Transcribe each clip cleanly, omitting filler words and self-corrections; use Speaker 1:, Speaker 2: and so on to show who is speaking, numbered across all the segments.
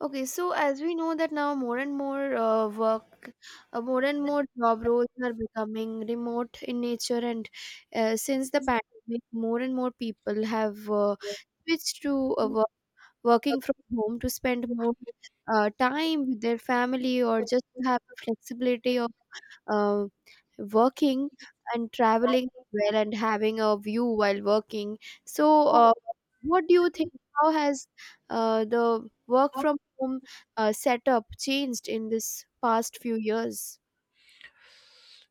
Speaker 1: Okay, so as we know that now more and more work, more and more job roles are becoming remote in nature, and since the pandemic, more and more people have switched to working from home to spend more time with their family or just to have the flexibility uh, working and traveling well and having a view while working. So, what do you think? How has the work from home setup changed in this past few years?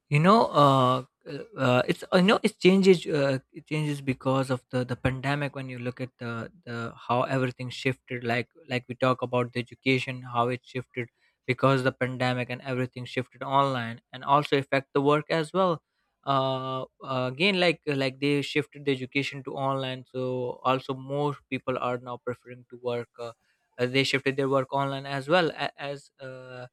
Speaker 2: You know it's you know It changes because of the pandemic. When you look at the how everything shifted, like we talk about the education, how it shifted because the pandemic, and everything shifted online and also affect the work as well. uh, Again, like they shifted the education to online, so also more people are now preferring to work. They shifted their work online as well as.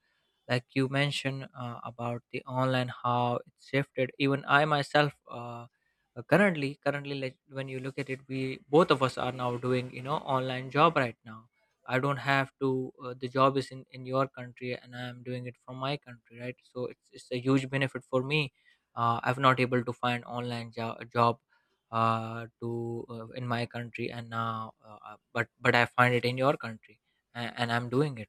Speaker 2: Like you mentioned about the online, how it shifted. Even I myself. Currently, like, when you look at it, we both of us are now doing, online job right now. I don't have to. The job is in your country and I am doing it from my country, right? So it's a huge benefit for me. I'm not able to find online job. To In my country. And now but I find it in your country, and I'm doing it.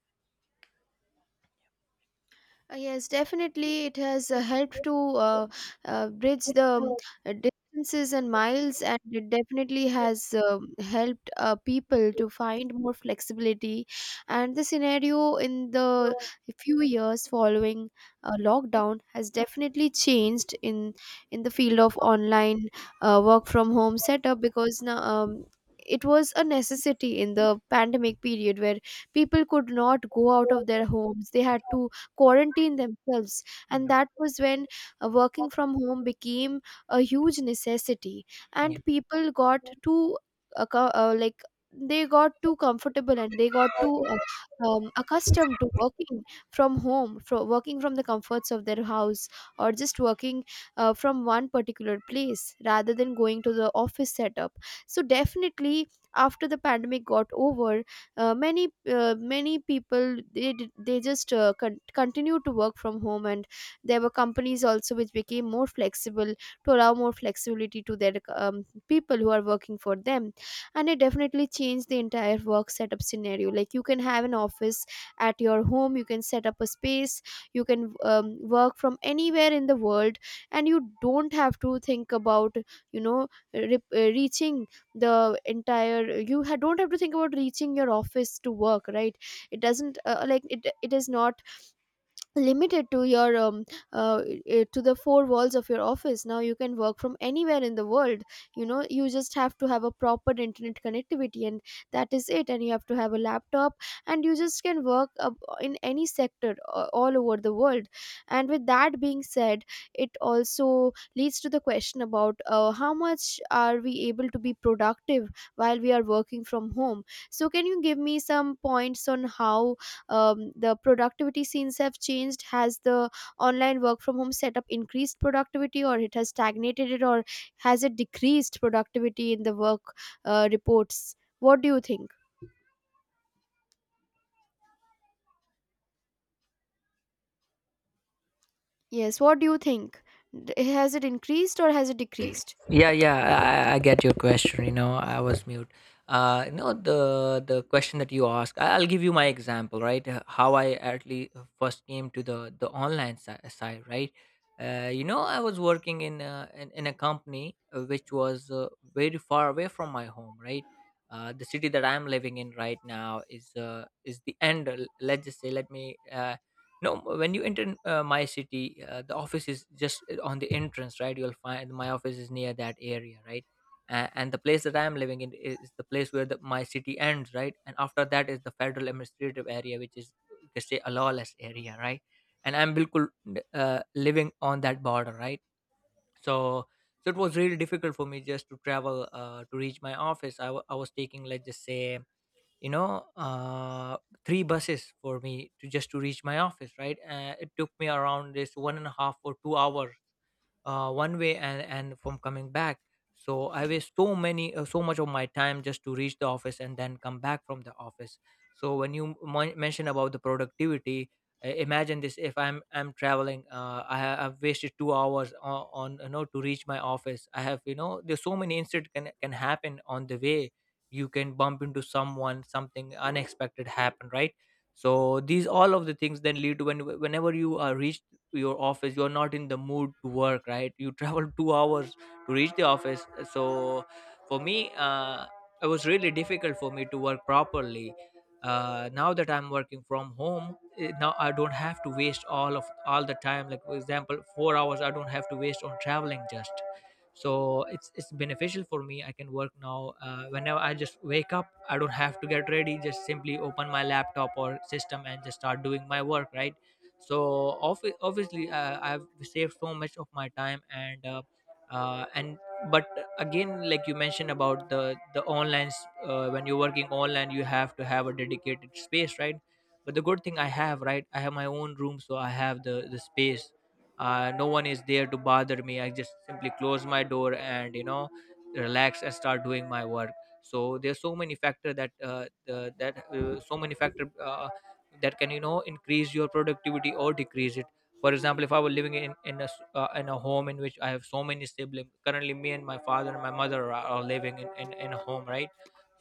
Speaker 1: Yes, definitely. It has helped to uh, bridge the distances and miles, and it definitely has helped people to find more flexibility. And the scenario in the few years following lockdown has definitely changed in the field of online work from home setup because now, it was a necessity in the pandemic period where people could not go out of their homes. They had to quarantine themselves. And
Speaker 2: You
Speaker 1: that was when working from home became a huge necessity, and people got too, like, they got too comfortable and they got too accustomed to working from home, from working from the comforts of their house, or just working from one particular place rather than going to the office setup. So definitely, after the pandemic got over, many many people, they just continue to work from home, and there were companies also which became more flexible to allow more flexibility to their people who are working for them. And it definitely changed the entire work setup scenario. Like, you can have an office at your home, you can set up a space, you can work from anywhere in the world, and you don't have to think about, you know, reaching the entire you ha- don't have to think about reaching your office to work, right? It doesn't like, it is not limited to your to the four walls of your office. Now you can work from anywhere in the world. You know, you just have to have a proper internet connectivity, and that is it. And you have to have a laptop, and you just can work up in any sector, all over the world. And with that being said, it also leads to the question about how much are we able to be productive while we are working from home. So can you give me some points on how the productivity scenes have changed? Has the online work from home setup increased productivity, or it has stagnated it, or has it decreased productivity in the work reports? What do you think? Yes, what do you think? Has it increased or has it decreased?
Speaker 2: Yeah, yeah. I get your question. I was mute. The question that you asked, I'll give you my example, right? How I actually first came to the online side, right? I was working in a company, which was. Very far away from my home, right? The city that I'm living in right now is the end. Let's just say, let me. No. When you enter, my city, the office is just on the entrance, right? You'll find my office is near that area, right? And the place that I'm living in is the place where my city ends, right? And after that is the federal administrative area, which is, you can say, a lawless area, right? And I'm bilkul, living on that border, right? So, so it was really difficult for me just to travel, to reach my office. I was taking, let's just say, you know uh, three buses for me to just to reach my office, right? It took me around this 1.5 or 2 hours one way, and from coming back. So I waste so many, so much of my time just to reach the office and then come back from the office. So when you mention about the productivity, imagine this. If I'm traveling, I've wasted 2 hours on you know, to reach my office. I have, you know, there's so many incidents can happen on the way. You can bump into someone, something unexpected happen, right? So these, all of the things then lead to, whenever you are reached your office, you're not in the mood to work, right? You travel 2 hours to reach the office. So for me, it was really difficult for me to work properly. Now that I'm working from home, now I don't have to waste all the time, like for example 4 hours I don't have to waste on traveling, just. So it's beneficial for me. I can work now, whenever I just wake up, I don't have to get ready, just simply open my laptop or system and just start doing my work, right? So obviously, I've saved so much of my time, and and, but, again, like you mentioned about the online, when you're working online you have to have a dedicated space, right? But the good thing I have, right, I have my own room, so I have the space. No one is there to bother me. I just simply close my door, and, you know, relax and start doing my work. So there's so many factor that, so many factor, that can, you know, increase your productivity or decrease it. For example, if I were living in a home in which I have so many siblings. Currently me and my father and my mother are living in a home, right?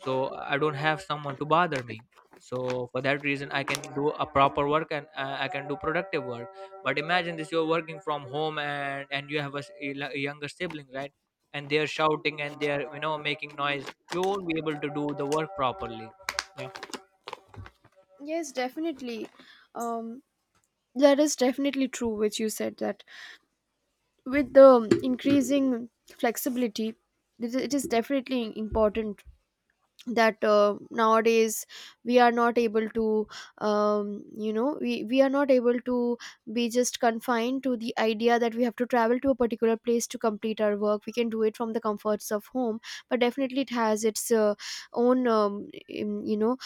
Speaker 2: So I don't have someone to bother me. So for that reason I can do a proper work, and I can do productive work. But imagine this, you're working from home, and you have a, s- a l- a younger sibling, right? And they're shouting and they're, you know, making noise. You won't be able to do the work properly. Yeah.
Speaker 1: Yeah, definitely. um that is definitely true, which you said, that with the increasing flexibility, it is, it is definitely important that nowadays we are not able to you know, we are not able to be just confined to the idea that we have to travel to a particular place to complete our work. We can do it from the comforts of home. But definitely it has its own you know,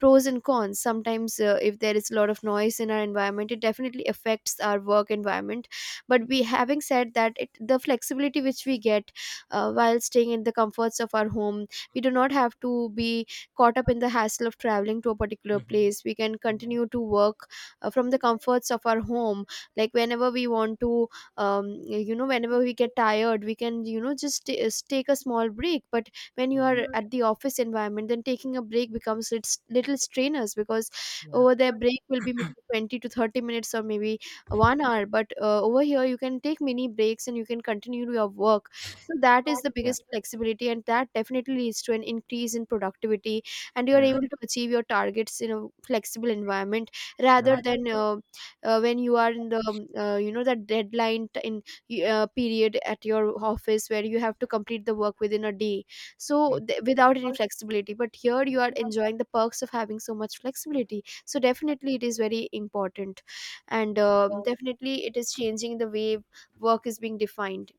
Speaker 1: pros and cons. Sometimes if there is a lot of noise in our environment, it definitely affects our work environment. But we, having said that, it, the flexibility which we get while staying in the comforts of our home, we do not have to be caught up in the hassle of traveling to a particular
Speaker 2: Hmm.
Speaker 1: place. We can
Speaker 2: Yeah.
Speaker 1: continue to work from the comforts of our home like whenever we want to. You know, whenever we get tired, we can, you know, just take a small break. But when you are at the office environment, then taking a break becomes, it's little strenuous, because
Speaker 2: Yeah.
Speaker 1: over there break will be maybe 20 to 30 minutes or maybe 1 hour. But over here you can take mini breaks and you can continue your work. So that is the biggest flexibility, and that definitely leads to an increase in productivity, and you are able to achieve your targets in a flexible environment rather
Speaker 2: Yeah.
Speaker 1: than when you are in the you know, that in period at your office where you have to complete the work within a day, so
Speaker 2: Mm.
Speaker 1: without any flexibility. But here you are enjoying the perks of having so much flexibility, so definitely it is very important. And definitely it is changing the way work is being defined.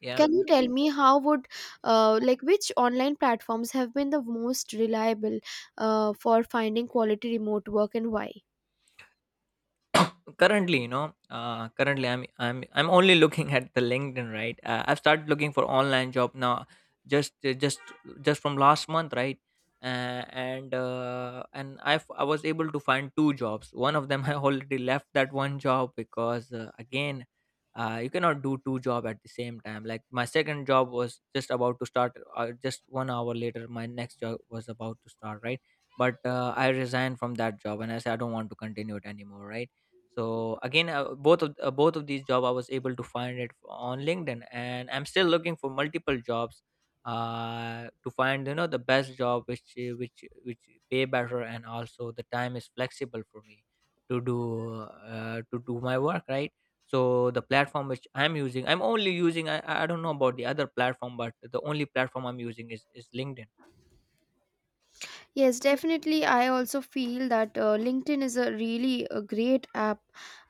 Speaker 2: Yeah.
Speaker 1: Can you tell me how would like, which online platforms have been the most reliable for finding quality remote work, and why?
Speaker 2: Currently you know uh, currently I'm only looking at the LinkedIn, right? I've started looking for online job now, just uh, just just from last month, right? And I was able to find two jobs. One of them, I already left that one job, because again, you cannot do two job at the same time. Like, my second job was just about to start, just 1 hour later my next job was about to start, right? But I resigned from that job and I said I don't want to continue it anymore, right? So again, both of these job I was able to find it on LinkedIn, and I'm still looking for multiple jobs to find, you know, the best job, which which pay better and also the time is flexible for me to do, my work, right? So the platform which I'm using, I'm only using, I don't know about the other platform, but the only platform I'm using is LinkedIn.
Speaker 1: Yes, definitely. I also feel that LinkedIn is a really a great app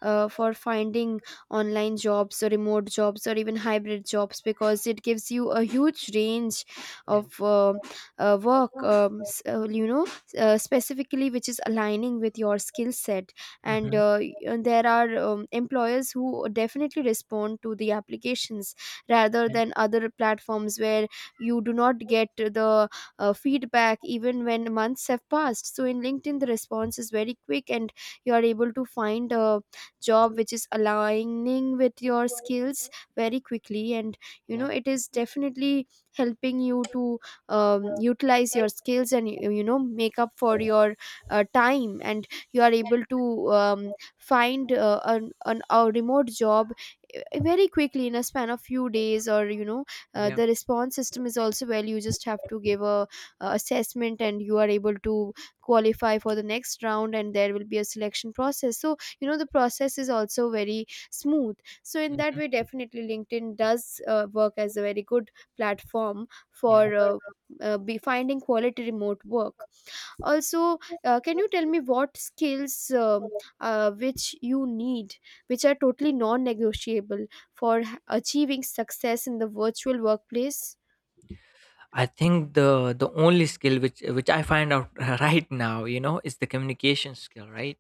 Speaker 1: for finding online jobs or remote jobs or even hybrid jobs, because it gives you a huge range of
Speaker 2: Yeah.
Speaker 1: work, you know, specifically which is aligning with your skill set. And
Speaker 2: Hmm.
Speaker 1: there are employers who definitely respond to the applications rather than other platforms where you do not get the feedback even when months have passed. So in LinkedIn, the response is very quick, and you are able to find a job which is aligning with your skills very quickly. And you know,
Speaker 2: Yeah.
Speaker 1: it is definitely helping you to utilize your skills, and you know, make up for your time, and you are able to find a remote job very quickly in a span of few days. Or you know,
Speaker 2: Yeah.
Speaker 1: the response system is also well. You just have to give a assessment and you are able to qualify for the next round, and there will be a selection process, so you know, the process is also very smooth. So in that
Speaker 2: Hmm.
Speaker 1: way, definitely LinkedIn does work as a very good platform
Speaker 2: Yeah.
Speaker 1: for be finding quality remote work. Also, can you tell me what skills, which you need, which are totally non-negotiable for achieving success in the virtual workplace?
Speaker 2: I think the only skill which I find out right now, you know, is the communication skill, right?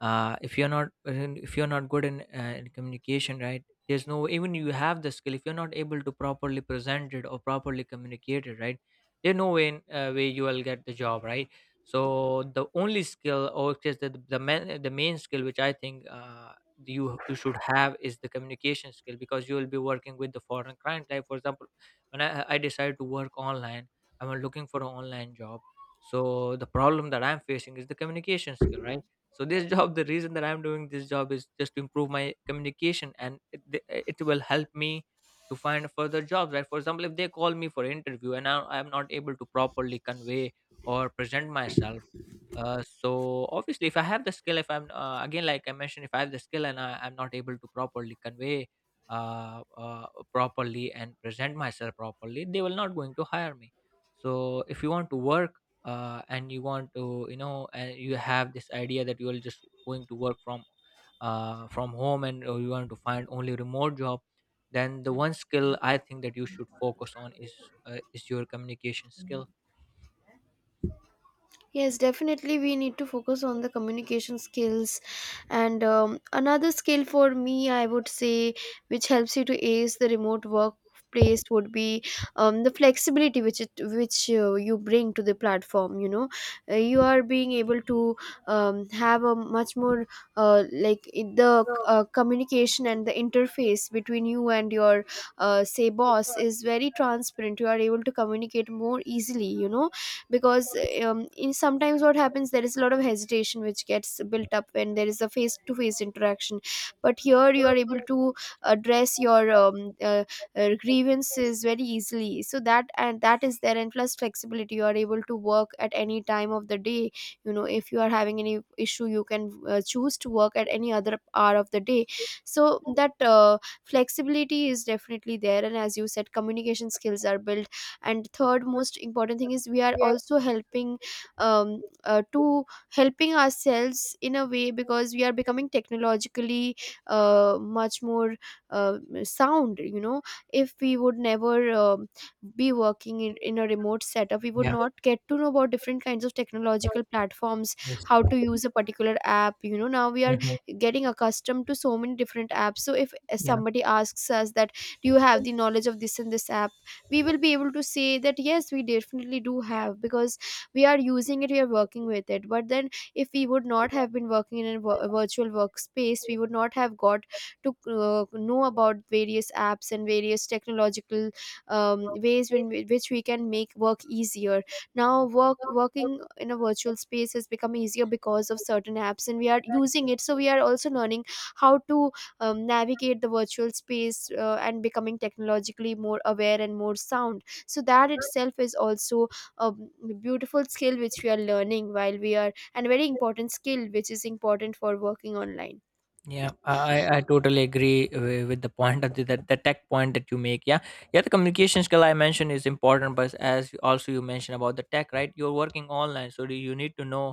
Speaker 2: If you're not good in communication, right? There's no, even you have the skill, if you're not able to properly present it or properly communicate it, right? There's no way way you will get the job, right? So the only skill, or just the main skill which I think, you should have is the communication skill, because you will be working with the foreign client. Like, for example, when I decided to work online, I'm looking for an online job, so the problem that I'm facing is the communication skill, right? So this job, the reason that I'm doing this job is just to improve my communication, it will help me to find further jobs, right? For example, if they call me for interview and I'm not able to properly convey or present myself. So obviously, if I have the skill, if I'm again, like I mentioned, if I have the skill and I'm not able to properly convey uh, uh, properly and present myself properly, they will not going to hire me. So if you want to work and you want to, you know, and you have this idea that you are just going to work from, home, and you want to find only remote job, then the one skill I think that you should focus on is, your communication skill.
Speaker 1: Yes, definitely. We need to focus on the communication skills. And another skill for me, I would say, which helps you to ace the remote workplace would be the flexibility which which you bring to the platform. You know, you are being able to have a much more like it- the communication and the interface between you and your say, boss is very transparent. You are able to communicate more easily. You know, because in sometimes what happens, there is a lot of hesitation which gets built up when there is a face to face interaction. But here you are able to address your grievances very easily. So that, and that is there, and plus flexibility, you are able to work at any time of the day. You know, if you are having any issue, you can choose to work at any other hour of the day. So that flexibility is definitely there, and as you said, communication skills are built. And third most important thing is, we are also helping to helping ourselves in a way, because we are becoming technologically much more uh, sound, you know. If we would never be working in a remote setup, we would
Speaker 2: Yeah.
Speaker 1: not get to know about different kinds of technological platforms,
Speaker 2: Yes.
Speaker 1: how to use a particular app. You know, now we are
Speaker 2: Mhm.
Speaker 1: getting accustomed to so many different apps. So if somebody asks us that, do you have the knowledge of this and this app, we will be able to say that yes, we definitely do have, because we are using it, we are working with it. But then, if we would not have been working in a virtual workspace, we would not have got to know about various apps and various technological ways in which we can make work easier. Now work, working in a virtual space has become easier because of certain apps, and we are using it, so we are also learning how to navigate the virtual space, and becoming technologically more aware and more sound. So that itself is also a beautiful skill which we are learning while we are, and very important skill which is important for working online.
Speaker 2: Yeah, I totally agree with the point that the tech point that you make. Yeah, yeah, the communication skill I mentioned is important, but also you mentioned about the tech, right? You're working online, so do you need to know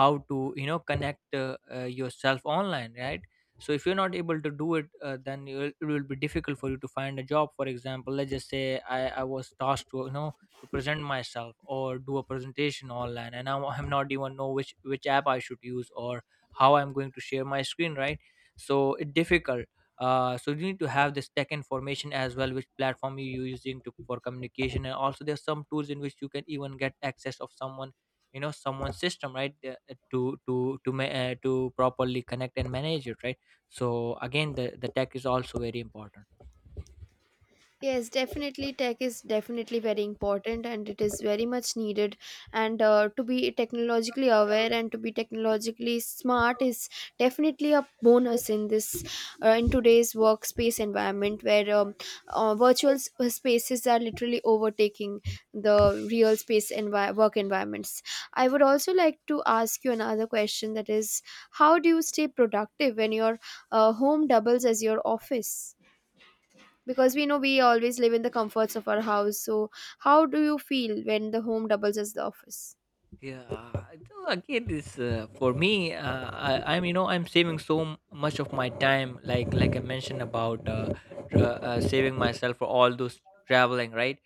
Speaker 2: how to, you know, connect, yourself online, right? So if you're not able to do it, then it will be difficult for you to find a job. For example, let's just say, I was tasked to, you know, to present myself, or do a presentation online, and now I'm not even know which app I should use, or how I'm going to share my screen, right? So it's difficult. So you need to have this tech information as well, which platform you're using for communication. And also there's some tools in which you can even get access of someone, you know, someone's system, right? To properly connect and manage it, right? So again, the tech is also very important.
Speaker 1: Yes, definitely. Tech is definitely very important and it is very much needed. And to be technologically aware and to be technologically smart is definitely a bonus in this in today's workspace environment where virtual spaces are literally overtaking the real space work environments. I would also like to ask you another question, that is, how do you stay productive when your home doubles as your office? Because we know we always live in the comforts of our house, so how do you feel when the home doubles as the office?
Speaker 2: Yeah, so again, this for me, I'm, you know, I'm saving so much of my time, like I mentioned about, saving myself for all those traveling, right?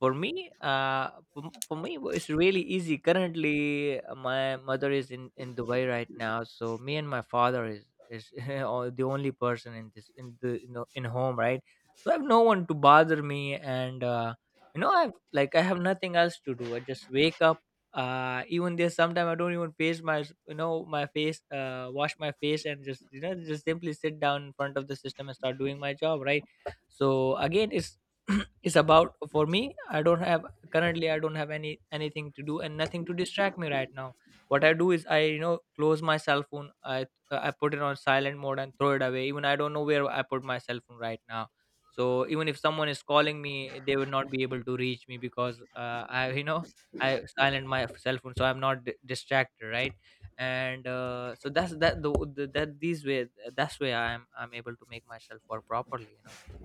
Speaker 2: For me, it's really easy. Currently, my mother is in Dubai right now, so me and my father is the only person in this in the you know in home, right? So I have no one to bother me, and I have nothing else to do. I just wake up even there. Sometimes I don't even face my you know my face wash my face, and just just simply sit down in front of the system and start doing my job, right? So again, it's it's about, for me, I don't have, currently I don't have anything to do and nothing to distract me right now. What I do is, I close my cell phone. I put it on silent mode and throw it away. Even I don't know where I put my cell phone right now. So even if someone is calling me, they would not be able to reach me, because I you know I silent my cell phone so I'm not distracted, right? And so that's that the that these way that's way I'm able to make myself work properly.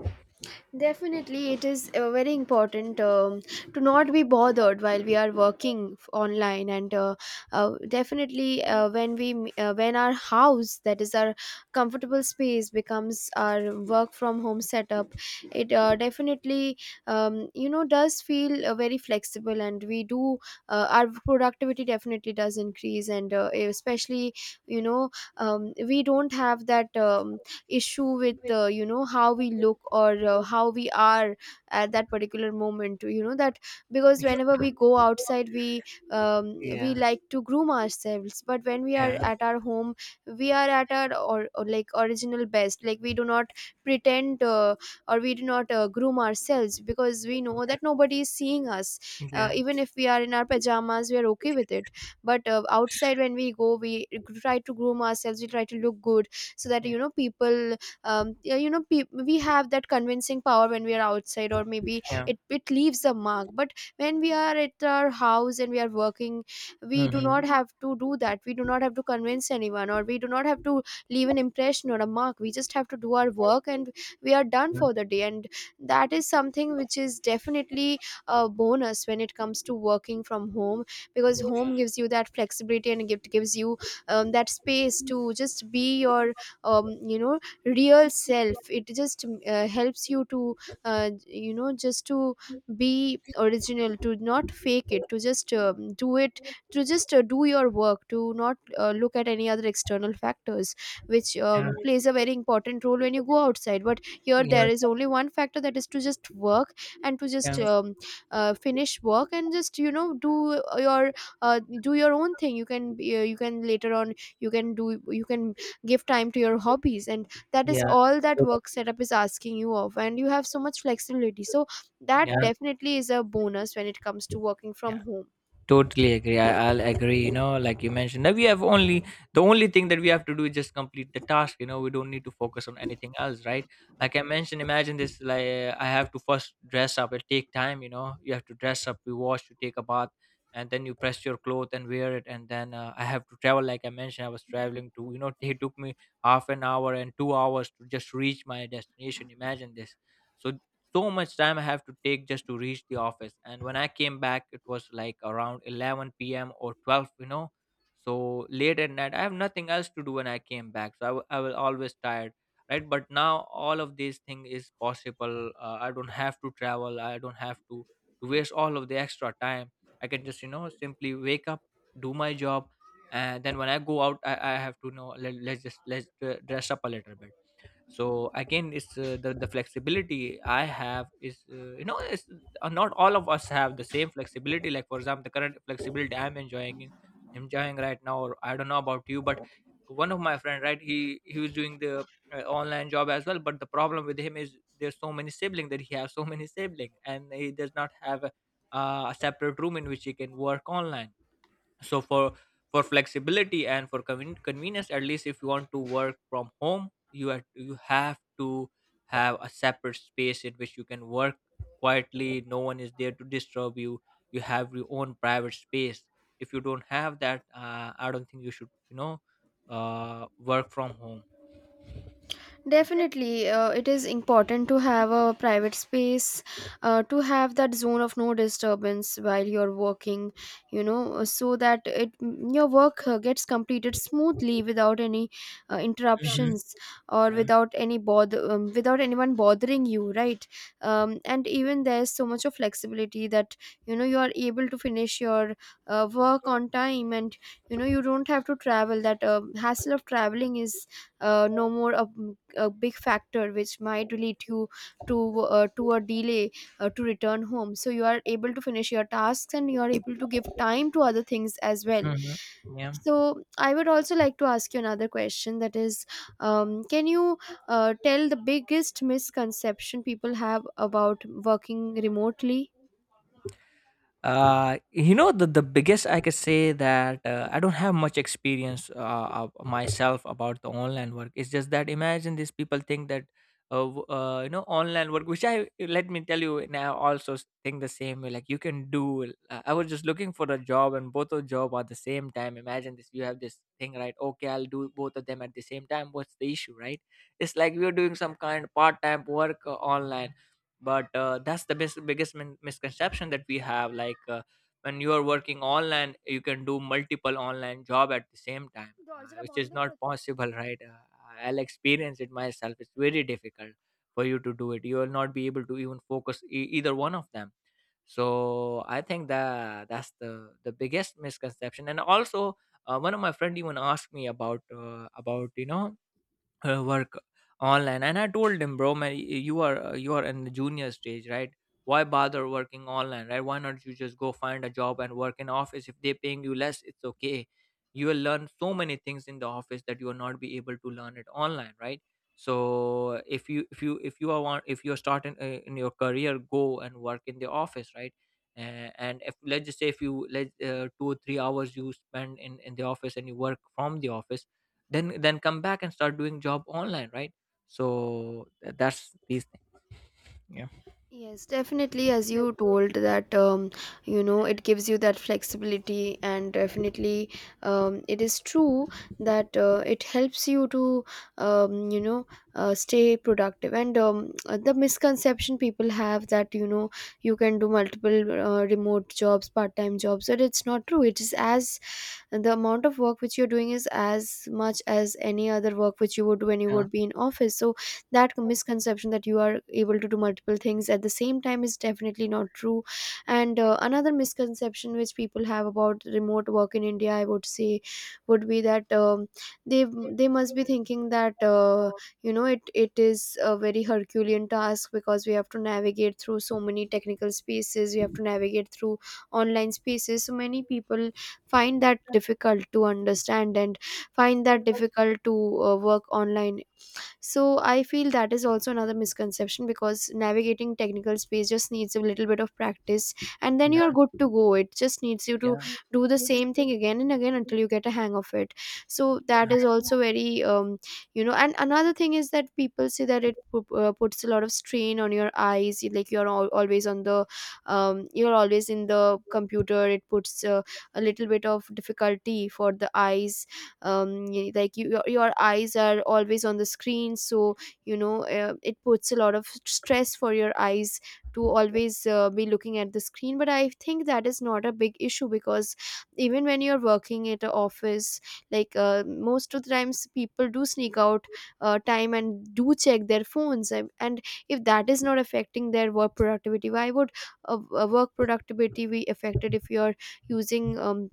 Speaker 1: Definitely, it is very important, to not be bothered while we are working online, and definitely, when we when our house, that is our comfortable space, becomes our work from home setup, it definitely does feel very flexible, and we do our productivity definitely does increase, and especially, you know we don't have that issue with, how we look, or how we are at that particular moment, you know that because whenever we go outside, we we
Speaker 2: Yeah,
Speaker 1: like to groom ourselves, but when we are
Speaker 2: yeah,
Speaker 1: at our home, we are at our, or like, original best. Like, we do not pretend, or we do not groom ourselves because we know that nobody is seeing us.
Speaker 2: yeah,
Speaker 1: Even if we are in our pajamas, we are okay with it. But outside, when we go, we try to groom ourselves, we try to look good so that,
Speaker 2: yeah,
Speaker 1: people, yeah, we have that convincing power when we are outside, or maybe
Speaker 2: yeah.
Speaker 1: it leaves a mark. But when we are at our house and we are working, we do not
Speaker 2: Mm-hmm.
Speaker 1: have to do that. We do not have to convince anyone, or we do not have to leave an impression or a mark. We just have to do our work, and we are done for the day. And that is something which is definitely a bonus when it comes to working from home, because
Speaker 2: Yeah,
Speaker 1: home gives you that flexibility and gift gives you that space to just be your, um, you know real self. It just helps you to, just to be original, to not fake it, to just do it, to just do your work, to not look at any other external factors which plays a very important role when you go outside. But here
Speaker 2: yeah,
Speaker 1: there is only one factor, that is to just work, and to just
Speaker 2: yeah,
Speaker 1: finish work, and just do your, own thing. You can you can later on, you can give time to your hobbies, and that
Speaker 2: yeah,
Speaker 1: is
Speaker 2: yeah,
Speaker 1: all that work setup is asking you of. And you have so much flexibility, so that
Speaker 2: yeah.
Speaker 1: definitely is a bonus when it comes to working from
Speaker 2: Yeah.
Speaker 1: home.
Speaker 2: Totally agree. I'll agree. Like you mentioned, that we have only the only thing that we have to do is just complete the task. We don't need to focus on anything else, right? Like I mentioned, imagine this, like, I have to first dress up. It take time. You have to dress up, you wash, you take a bath, and then you press your clothes and wear it. And then, I have to travel. Like I mentioned, I was traveling to it took me half an hour and 2 hours to just reach my destination. Imagine this. So so much time I have to take just to reach the office. And when I came back, it was like around 11 p.m. or 12, you know. So late at night, I have nothing else to do when I came back. So I was always tired, right? But now all of these thing is possible. I don't have to travel. I don't have to waste all of the extra time. I can just, simply wake up, do my job. And then when I go out, I have to know, let, let's just let's dress up a little bit. So again, it's the flexibility I have is you know it's not all of us have the same flexibility. Like, for example, the current flexibility I'm enjoying right now. Or I don't know about you, but one of my friend, right, he was doing the online job as well. But the problem with him is, there's so many sibling that he has, so many sibling, and he does not have a separate room in which he can work online. So for flexibility, and for convenience, at least if you want to work from home, you have to have a separate space in which you can work quietly. No one is there to disturb you. You have your own private space. If you don't have that, I don't think you should, work from home.
Speaker 1: Definitely, it is important to have a private space, to have that zone of no disturbance while you're working, so that, your work gets completed smoothly without any interruptions, or
Speaker 2: Yeah.
Speaker 1: without any bother, without anyone bothering you, right? And even there's so much of flexibility that you are able to finish your work on time, and you don't have to travel. That hassle of traveling is no more a big factor which might lead you to a delay, to return home, so you are able to finish your tasks and you are able to give time to other things as well.
Speaker 2: Mhm. Yeah.
Speaker 1: So I would also like to ask you another question, that is, can you tell the biggest misconception people have about working remotely?
Speaker 2: The biggest, I could say that, I don't have much experience of myself about the online work. It's just that, imagine, these people think that, online work, which I, let me tell you, now also think the same way. Like, you can do. I was just looking for a job, and both of job at the same time. Imagine this. You have this thing, right? Okay, I'll do both of them at the same time. What's the issue, right? It's like we're doing some kind of part time work online. But that's the best, biggest misconception that we have. Like, when you are working online, you can do multiple online job at the same time, which is not possible right. I'll experience it myself. It's very difficult for you to do it. You will not be able to even focus either one of them. So I think that's the biggest misconception. And also, one of my friend even asked me about, about work online. And I told him, bro, man, you are, you are in the junior stage, right? Why bother working online, right? Why not you just go find a job and work in office? If they are paying you less, it's okay. You will learn so many things in the office that you will not be able to learn it online, right? So if you if you if you are want if you're starting in your career, go and work in the office, right? And if, let's just say, if you let, 2 or 3 hours you spend in the office and you work from the office, then come back and start doing job online, right? So that's these things. Yeah.
Speaker 1: Yes, definitely. As you told that, it gives you that flexibility, and definitely, it is true that it helps you to, um, you know, stay productive. And the misconception people have that, you can do multiple remote jobs, part-time jobs, but it's not true. It is as and the amount of work which you're doing is as much as any other work which you would do when you
Speaker 2: Yeah,
Speaker 1: would be in office. So that misconception that you are able to do multiple things at the same time is definitely not true. And another misconception which people have about remote work in India, I would say, would be that, they must be thinking that, it is a very herculean task, because we have to navigate through so many technical spaces, we have to navigate through online spaces. So many people find that difficult to understand, and find that difficult to work online. So I feel that is also another misconception, because navigating technical space just needs a little bit of practice, and then
Speaker 2: yeah,
Speaker 1: you're good to go. It just needs you to
Speaker 2: yeah,
Speaker 1: do the same thing again and again until you get a hang of it. So that is also very, and another thing is that people say that it puts a lot of strain on your eyes. Like, you're always on the, you're always in the computer. It puts a little bit of difficulty for the eyes. Your eyes are always on the screen, so it puts a lot of stress for your eyes to always be looking at the screen. But I think that is not a big issue, because even when you're working at an office, like, most of the times people do sneak out time and do check their phones, and if that is not affecting their work productivity, why would work productivity be affected if you're using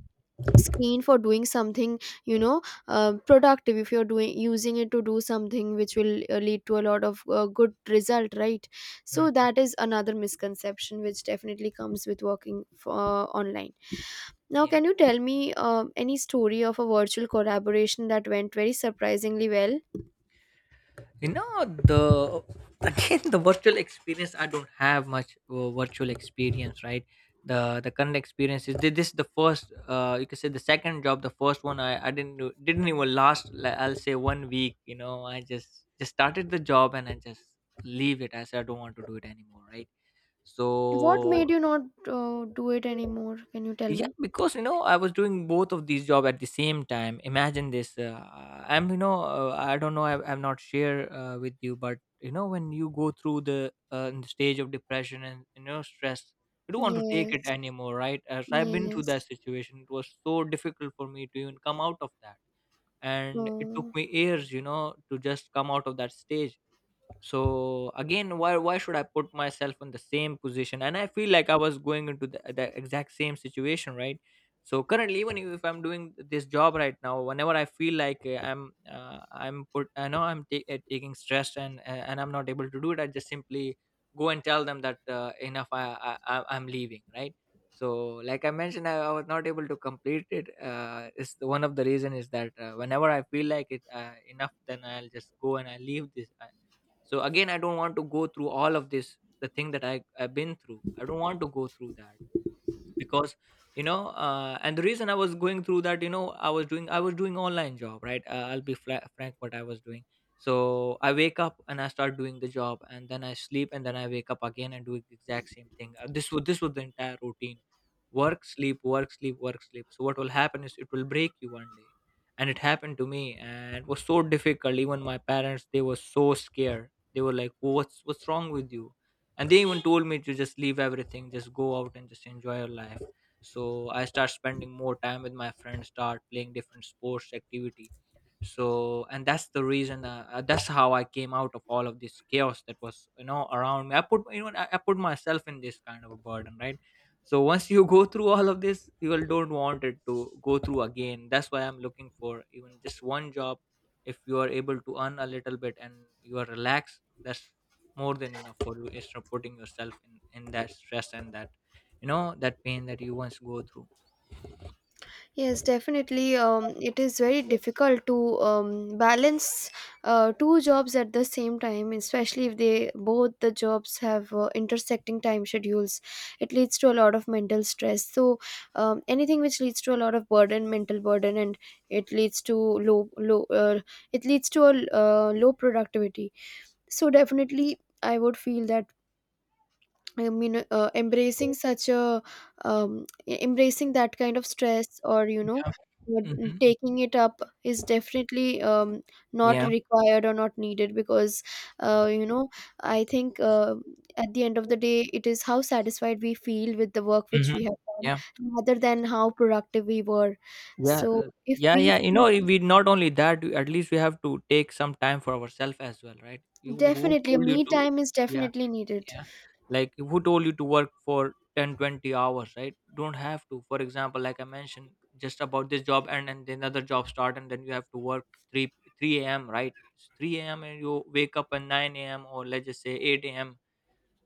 Speaker 1: screen for doing something, you know productive, if you're doing using it to do something which will lead to a lot of good result, right?
Speaker 2: yeah,
Speaker 1: So
Speaker 2: mm,
Speaker 1: that is another misconception which definitely comes with working online. Now,
Speaker 2: yeah.
Speaker 1: can you tell me any story of a virtual collaboration that went very surprisingly well?
Speaker 2: you know the Again, the virtual experience, I don't have much virtual experience, right? The current experience is, this is the first, you can say the second job. The first one, I didn't didn't even last, like, I'll say one week. I just started the job, and I just leave it. I said, I don't want to do it anymore, right? So
Speaker 1: What made you not do it anymore? Can you tell
Speaker 2: yeah,
Speaker 1: me?
Speaker 2: because, you know, I was doing both of these job at the same time, imagine this. I don't know, I've not shared with you, but you know, when you go through the, in the stage of depression and, you know, stress, you don't want to take
Speaker 1: Yes.
Speaker 2: it anymore, right? As I've been through
Speaker 1: Yes.
Speaker 2: that situation, it was so difficult for me to even come out of that. And it took
Speaker 1: Oh.
Speaker 2: me years, you know, to just come out of that stage. So again, why should I put myself in the same position? And I feel like I was going into the exact same situation, right? So currently, even if I'm doing this job right now, whenever I feel like, I'm put I know I'm ta- taking stress, and I'm not able to do it, I just simply go and tell them that, enough, I'm leaving, right? So, like I mentioned, I was not able to complete it, is one of the reason is that, whenever I feel like it, enough, then I'll just go and I leave this, so again, I don't want to go through all of this, the thing that I've been through, I don't want to go through that. Because, you know, and the reason I was going through that, you know, I was doing online job, right? I'll be frank what I was doing. So I wake up and I start doing the job, and then I sleep, and then I wake up again and do the exact same thing. This was the entire routine. Work, sleep, work, sleep, work, sleep. So what will happen is, it will break you one day. And it happened to me, and it was so difficult. Even my parents, they were so scared. They were like, what's wrong with you? And they even told me to just leave everything, just go out and just enjoy your life. So I start spending more time with my friends, start playing different sports activity. So, and that's the reason, that's how I came out of all of this chaos that was, you know, around me. I put you know I put myself in this kind of a burden, right? So once you go through all of this, you will don't want it to go through again. That's why I'm looking for even just one job. If you are able to earn a little bit and you are relaxed, that's more than enough for you, instead of putting yourself in that stress, and that, you know, that pain that you once go through.
Speaker 1: Yes, definitely. It is very difficult to balance two jobs at the same time, especially if they both the jobs have intersecting time schedules. It leads to a lot of mental stress. So, anything which leads to a lot of burden, mental burden, and it leads to low, low. It leads to a low productivity. So definitely, I would feel that, I mean, embracing such a, embracing that kind of stress, or
Speaker 2: Yeah.
Speaker 1: uh,
Speaker 2: Mm-hmm.
Speaker 1: taking it up is definitely, not
Speaker 2: Yeah.
Speaker 1: required or not needed, because, uh, you know, I think, at the end of the day, it is how satisfied we feel with the work which we
Speaker 2: Mm-hmm.
Speaker 1: have done,
Speaker 2: Yeah.
Speaker 1: rather than how productive we were.
Speaker 2: Yeah.
Speaker 1: So, if
Speaker 2: Yeah.
Speaker 1: we.
Speaker 2: Yeah, you know, we not only that, at least we have to take some time for ourselves as well, right? you Who
Speaker 1: Definitely, a
Speaker 2: told you
Speaker 1: me
Speaker 2: to...
Speaker 1: time is
Speaker 2: Yeah.
Speaker 1: definitely needed.
Speaker 2: Yeah. Like, who told you to work for 10, 20 hours, right? Don't have to. For example, like I mentioned, just about this job, and then another job start, and then you have to work 3 3 a.m., right? It's 3 a.m. and you wake up at 9 a.m., or let's just say 8 a.m.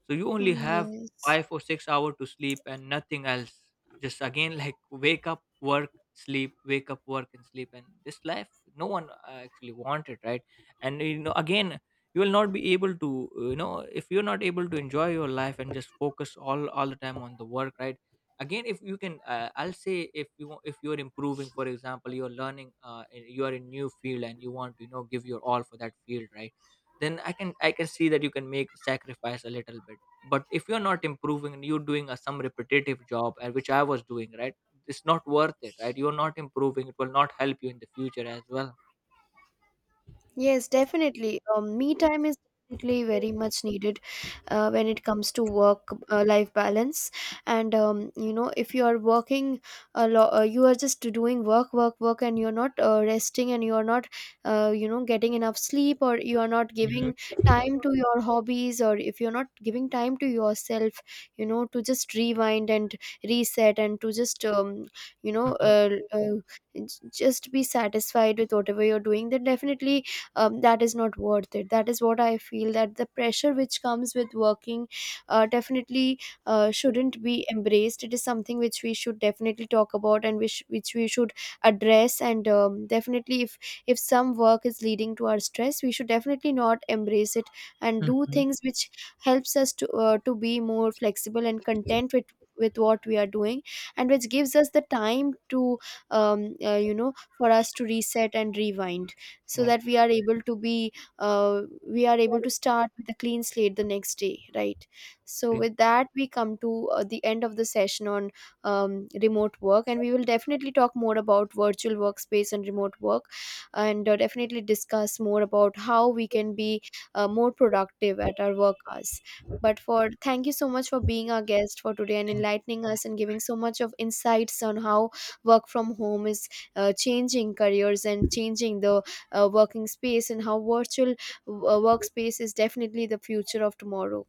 Speaker 2: So you only
Speaker 1: Mm,
Speaker 2: have
Speaker 1: yes.
Speaker 2: 5 or 6 hours to sleep and nothing else. Just again, like, wake up, work, sleep, wake up, work, and sleep, and this life no one actually wanted, right? And, you know, again, you will not be able to, uh, you know if you're not able to enjoy your life and just focus all the time on the work, right? Again, if you can, I'll say, if you if you're improving. For example, you're learning, you are in new field, and you want to, give your all for that field, right? Then I can see that you can make sacrifice a little bit. But if you're not improving and you're doing some repetitive job, which I was doing, right? It's not worth it, right? You're not improving, it will not help you in the future as well.
Speaker 1: Yes, definitely. Me time is definitely very much needed when it comes to work life balance. And if you are working a lot, you are just doing work, work, work, and you're not resting, and you are not, getting enough sleep, or you are not
Speaker 2: Mhm,
Speaker 1: giving time to your hobbies, or if you're not giving time to yourself, to just rewind and reset, and to just, you know, uh, uh, j- just be satisfied with whatever you're doing, then definitely, that is not worth it. That is what I feel, that the pressure which comes with working, definitely, shouldn't be embraced. It is something which we should definitely talk about, and which we should address. And, definitely, if some work is leading to our stress, we should definitely not embrace it, and
Speaker 2: mhm,
Speaker 1: do
Speaker 2: mhm.
Speaker 1: things which helps us to be more flexible and content with what we are doing, and which gives us the time to, um, uh, you know for us to reset and rewind, so
Speaker 2: Yeah.
Speaker 1: that we are able to start with a clean slate the next day, right? So
Speaker 2: Agree.
Speaker 1: with that, we come to the end of the session on, remote work, and we will definitely talk more about virtual workspace and remote work, and definitely discuss more about how we can be more productive at our work hours. But for thank you so much for being our guest for today, and enlightening us, and giving so much of insights on how work from home is changing careers, and changing the working space, and how virtual workspace is definitely the future of tomorrow.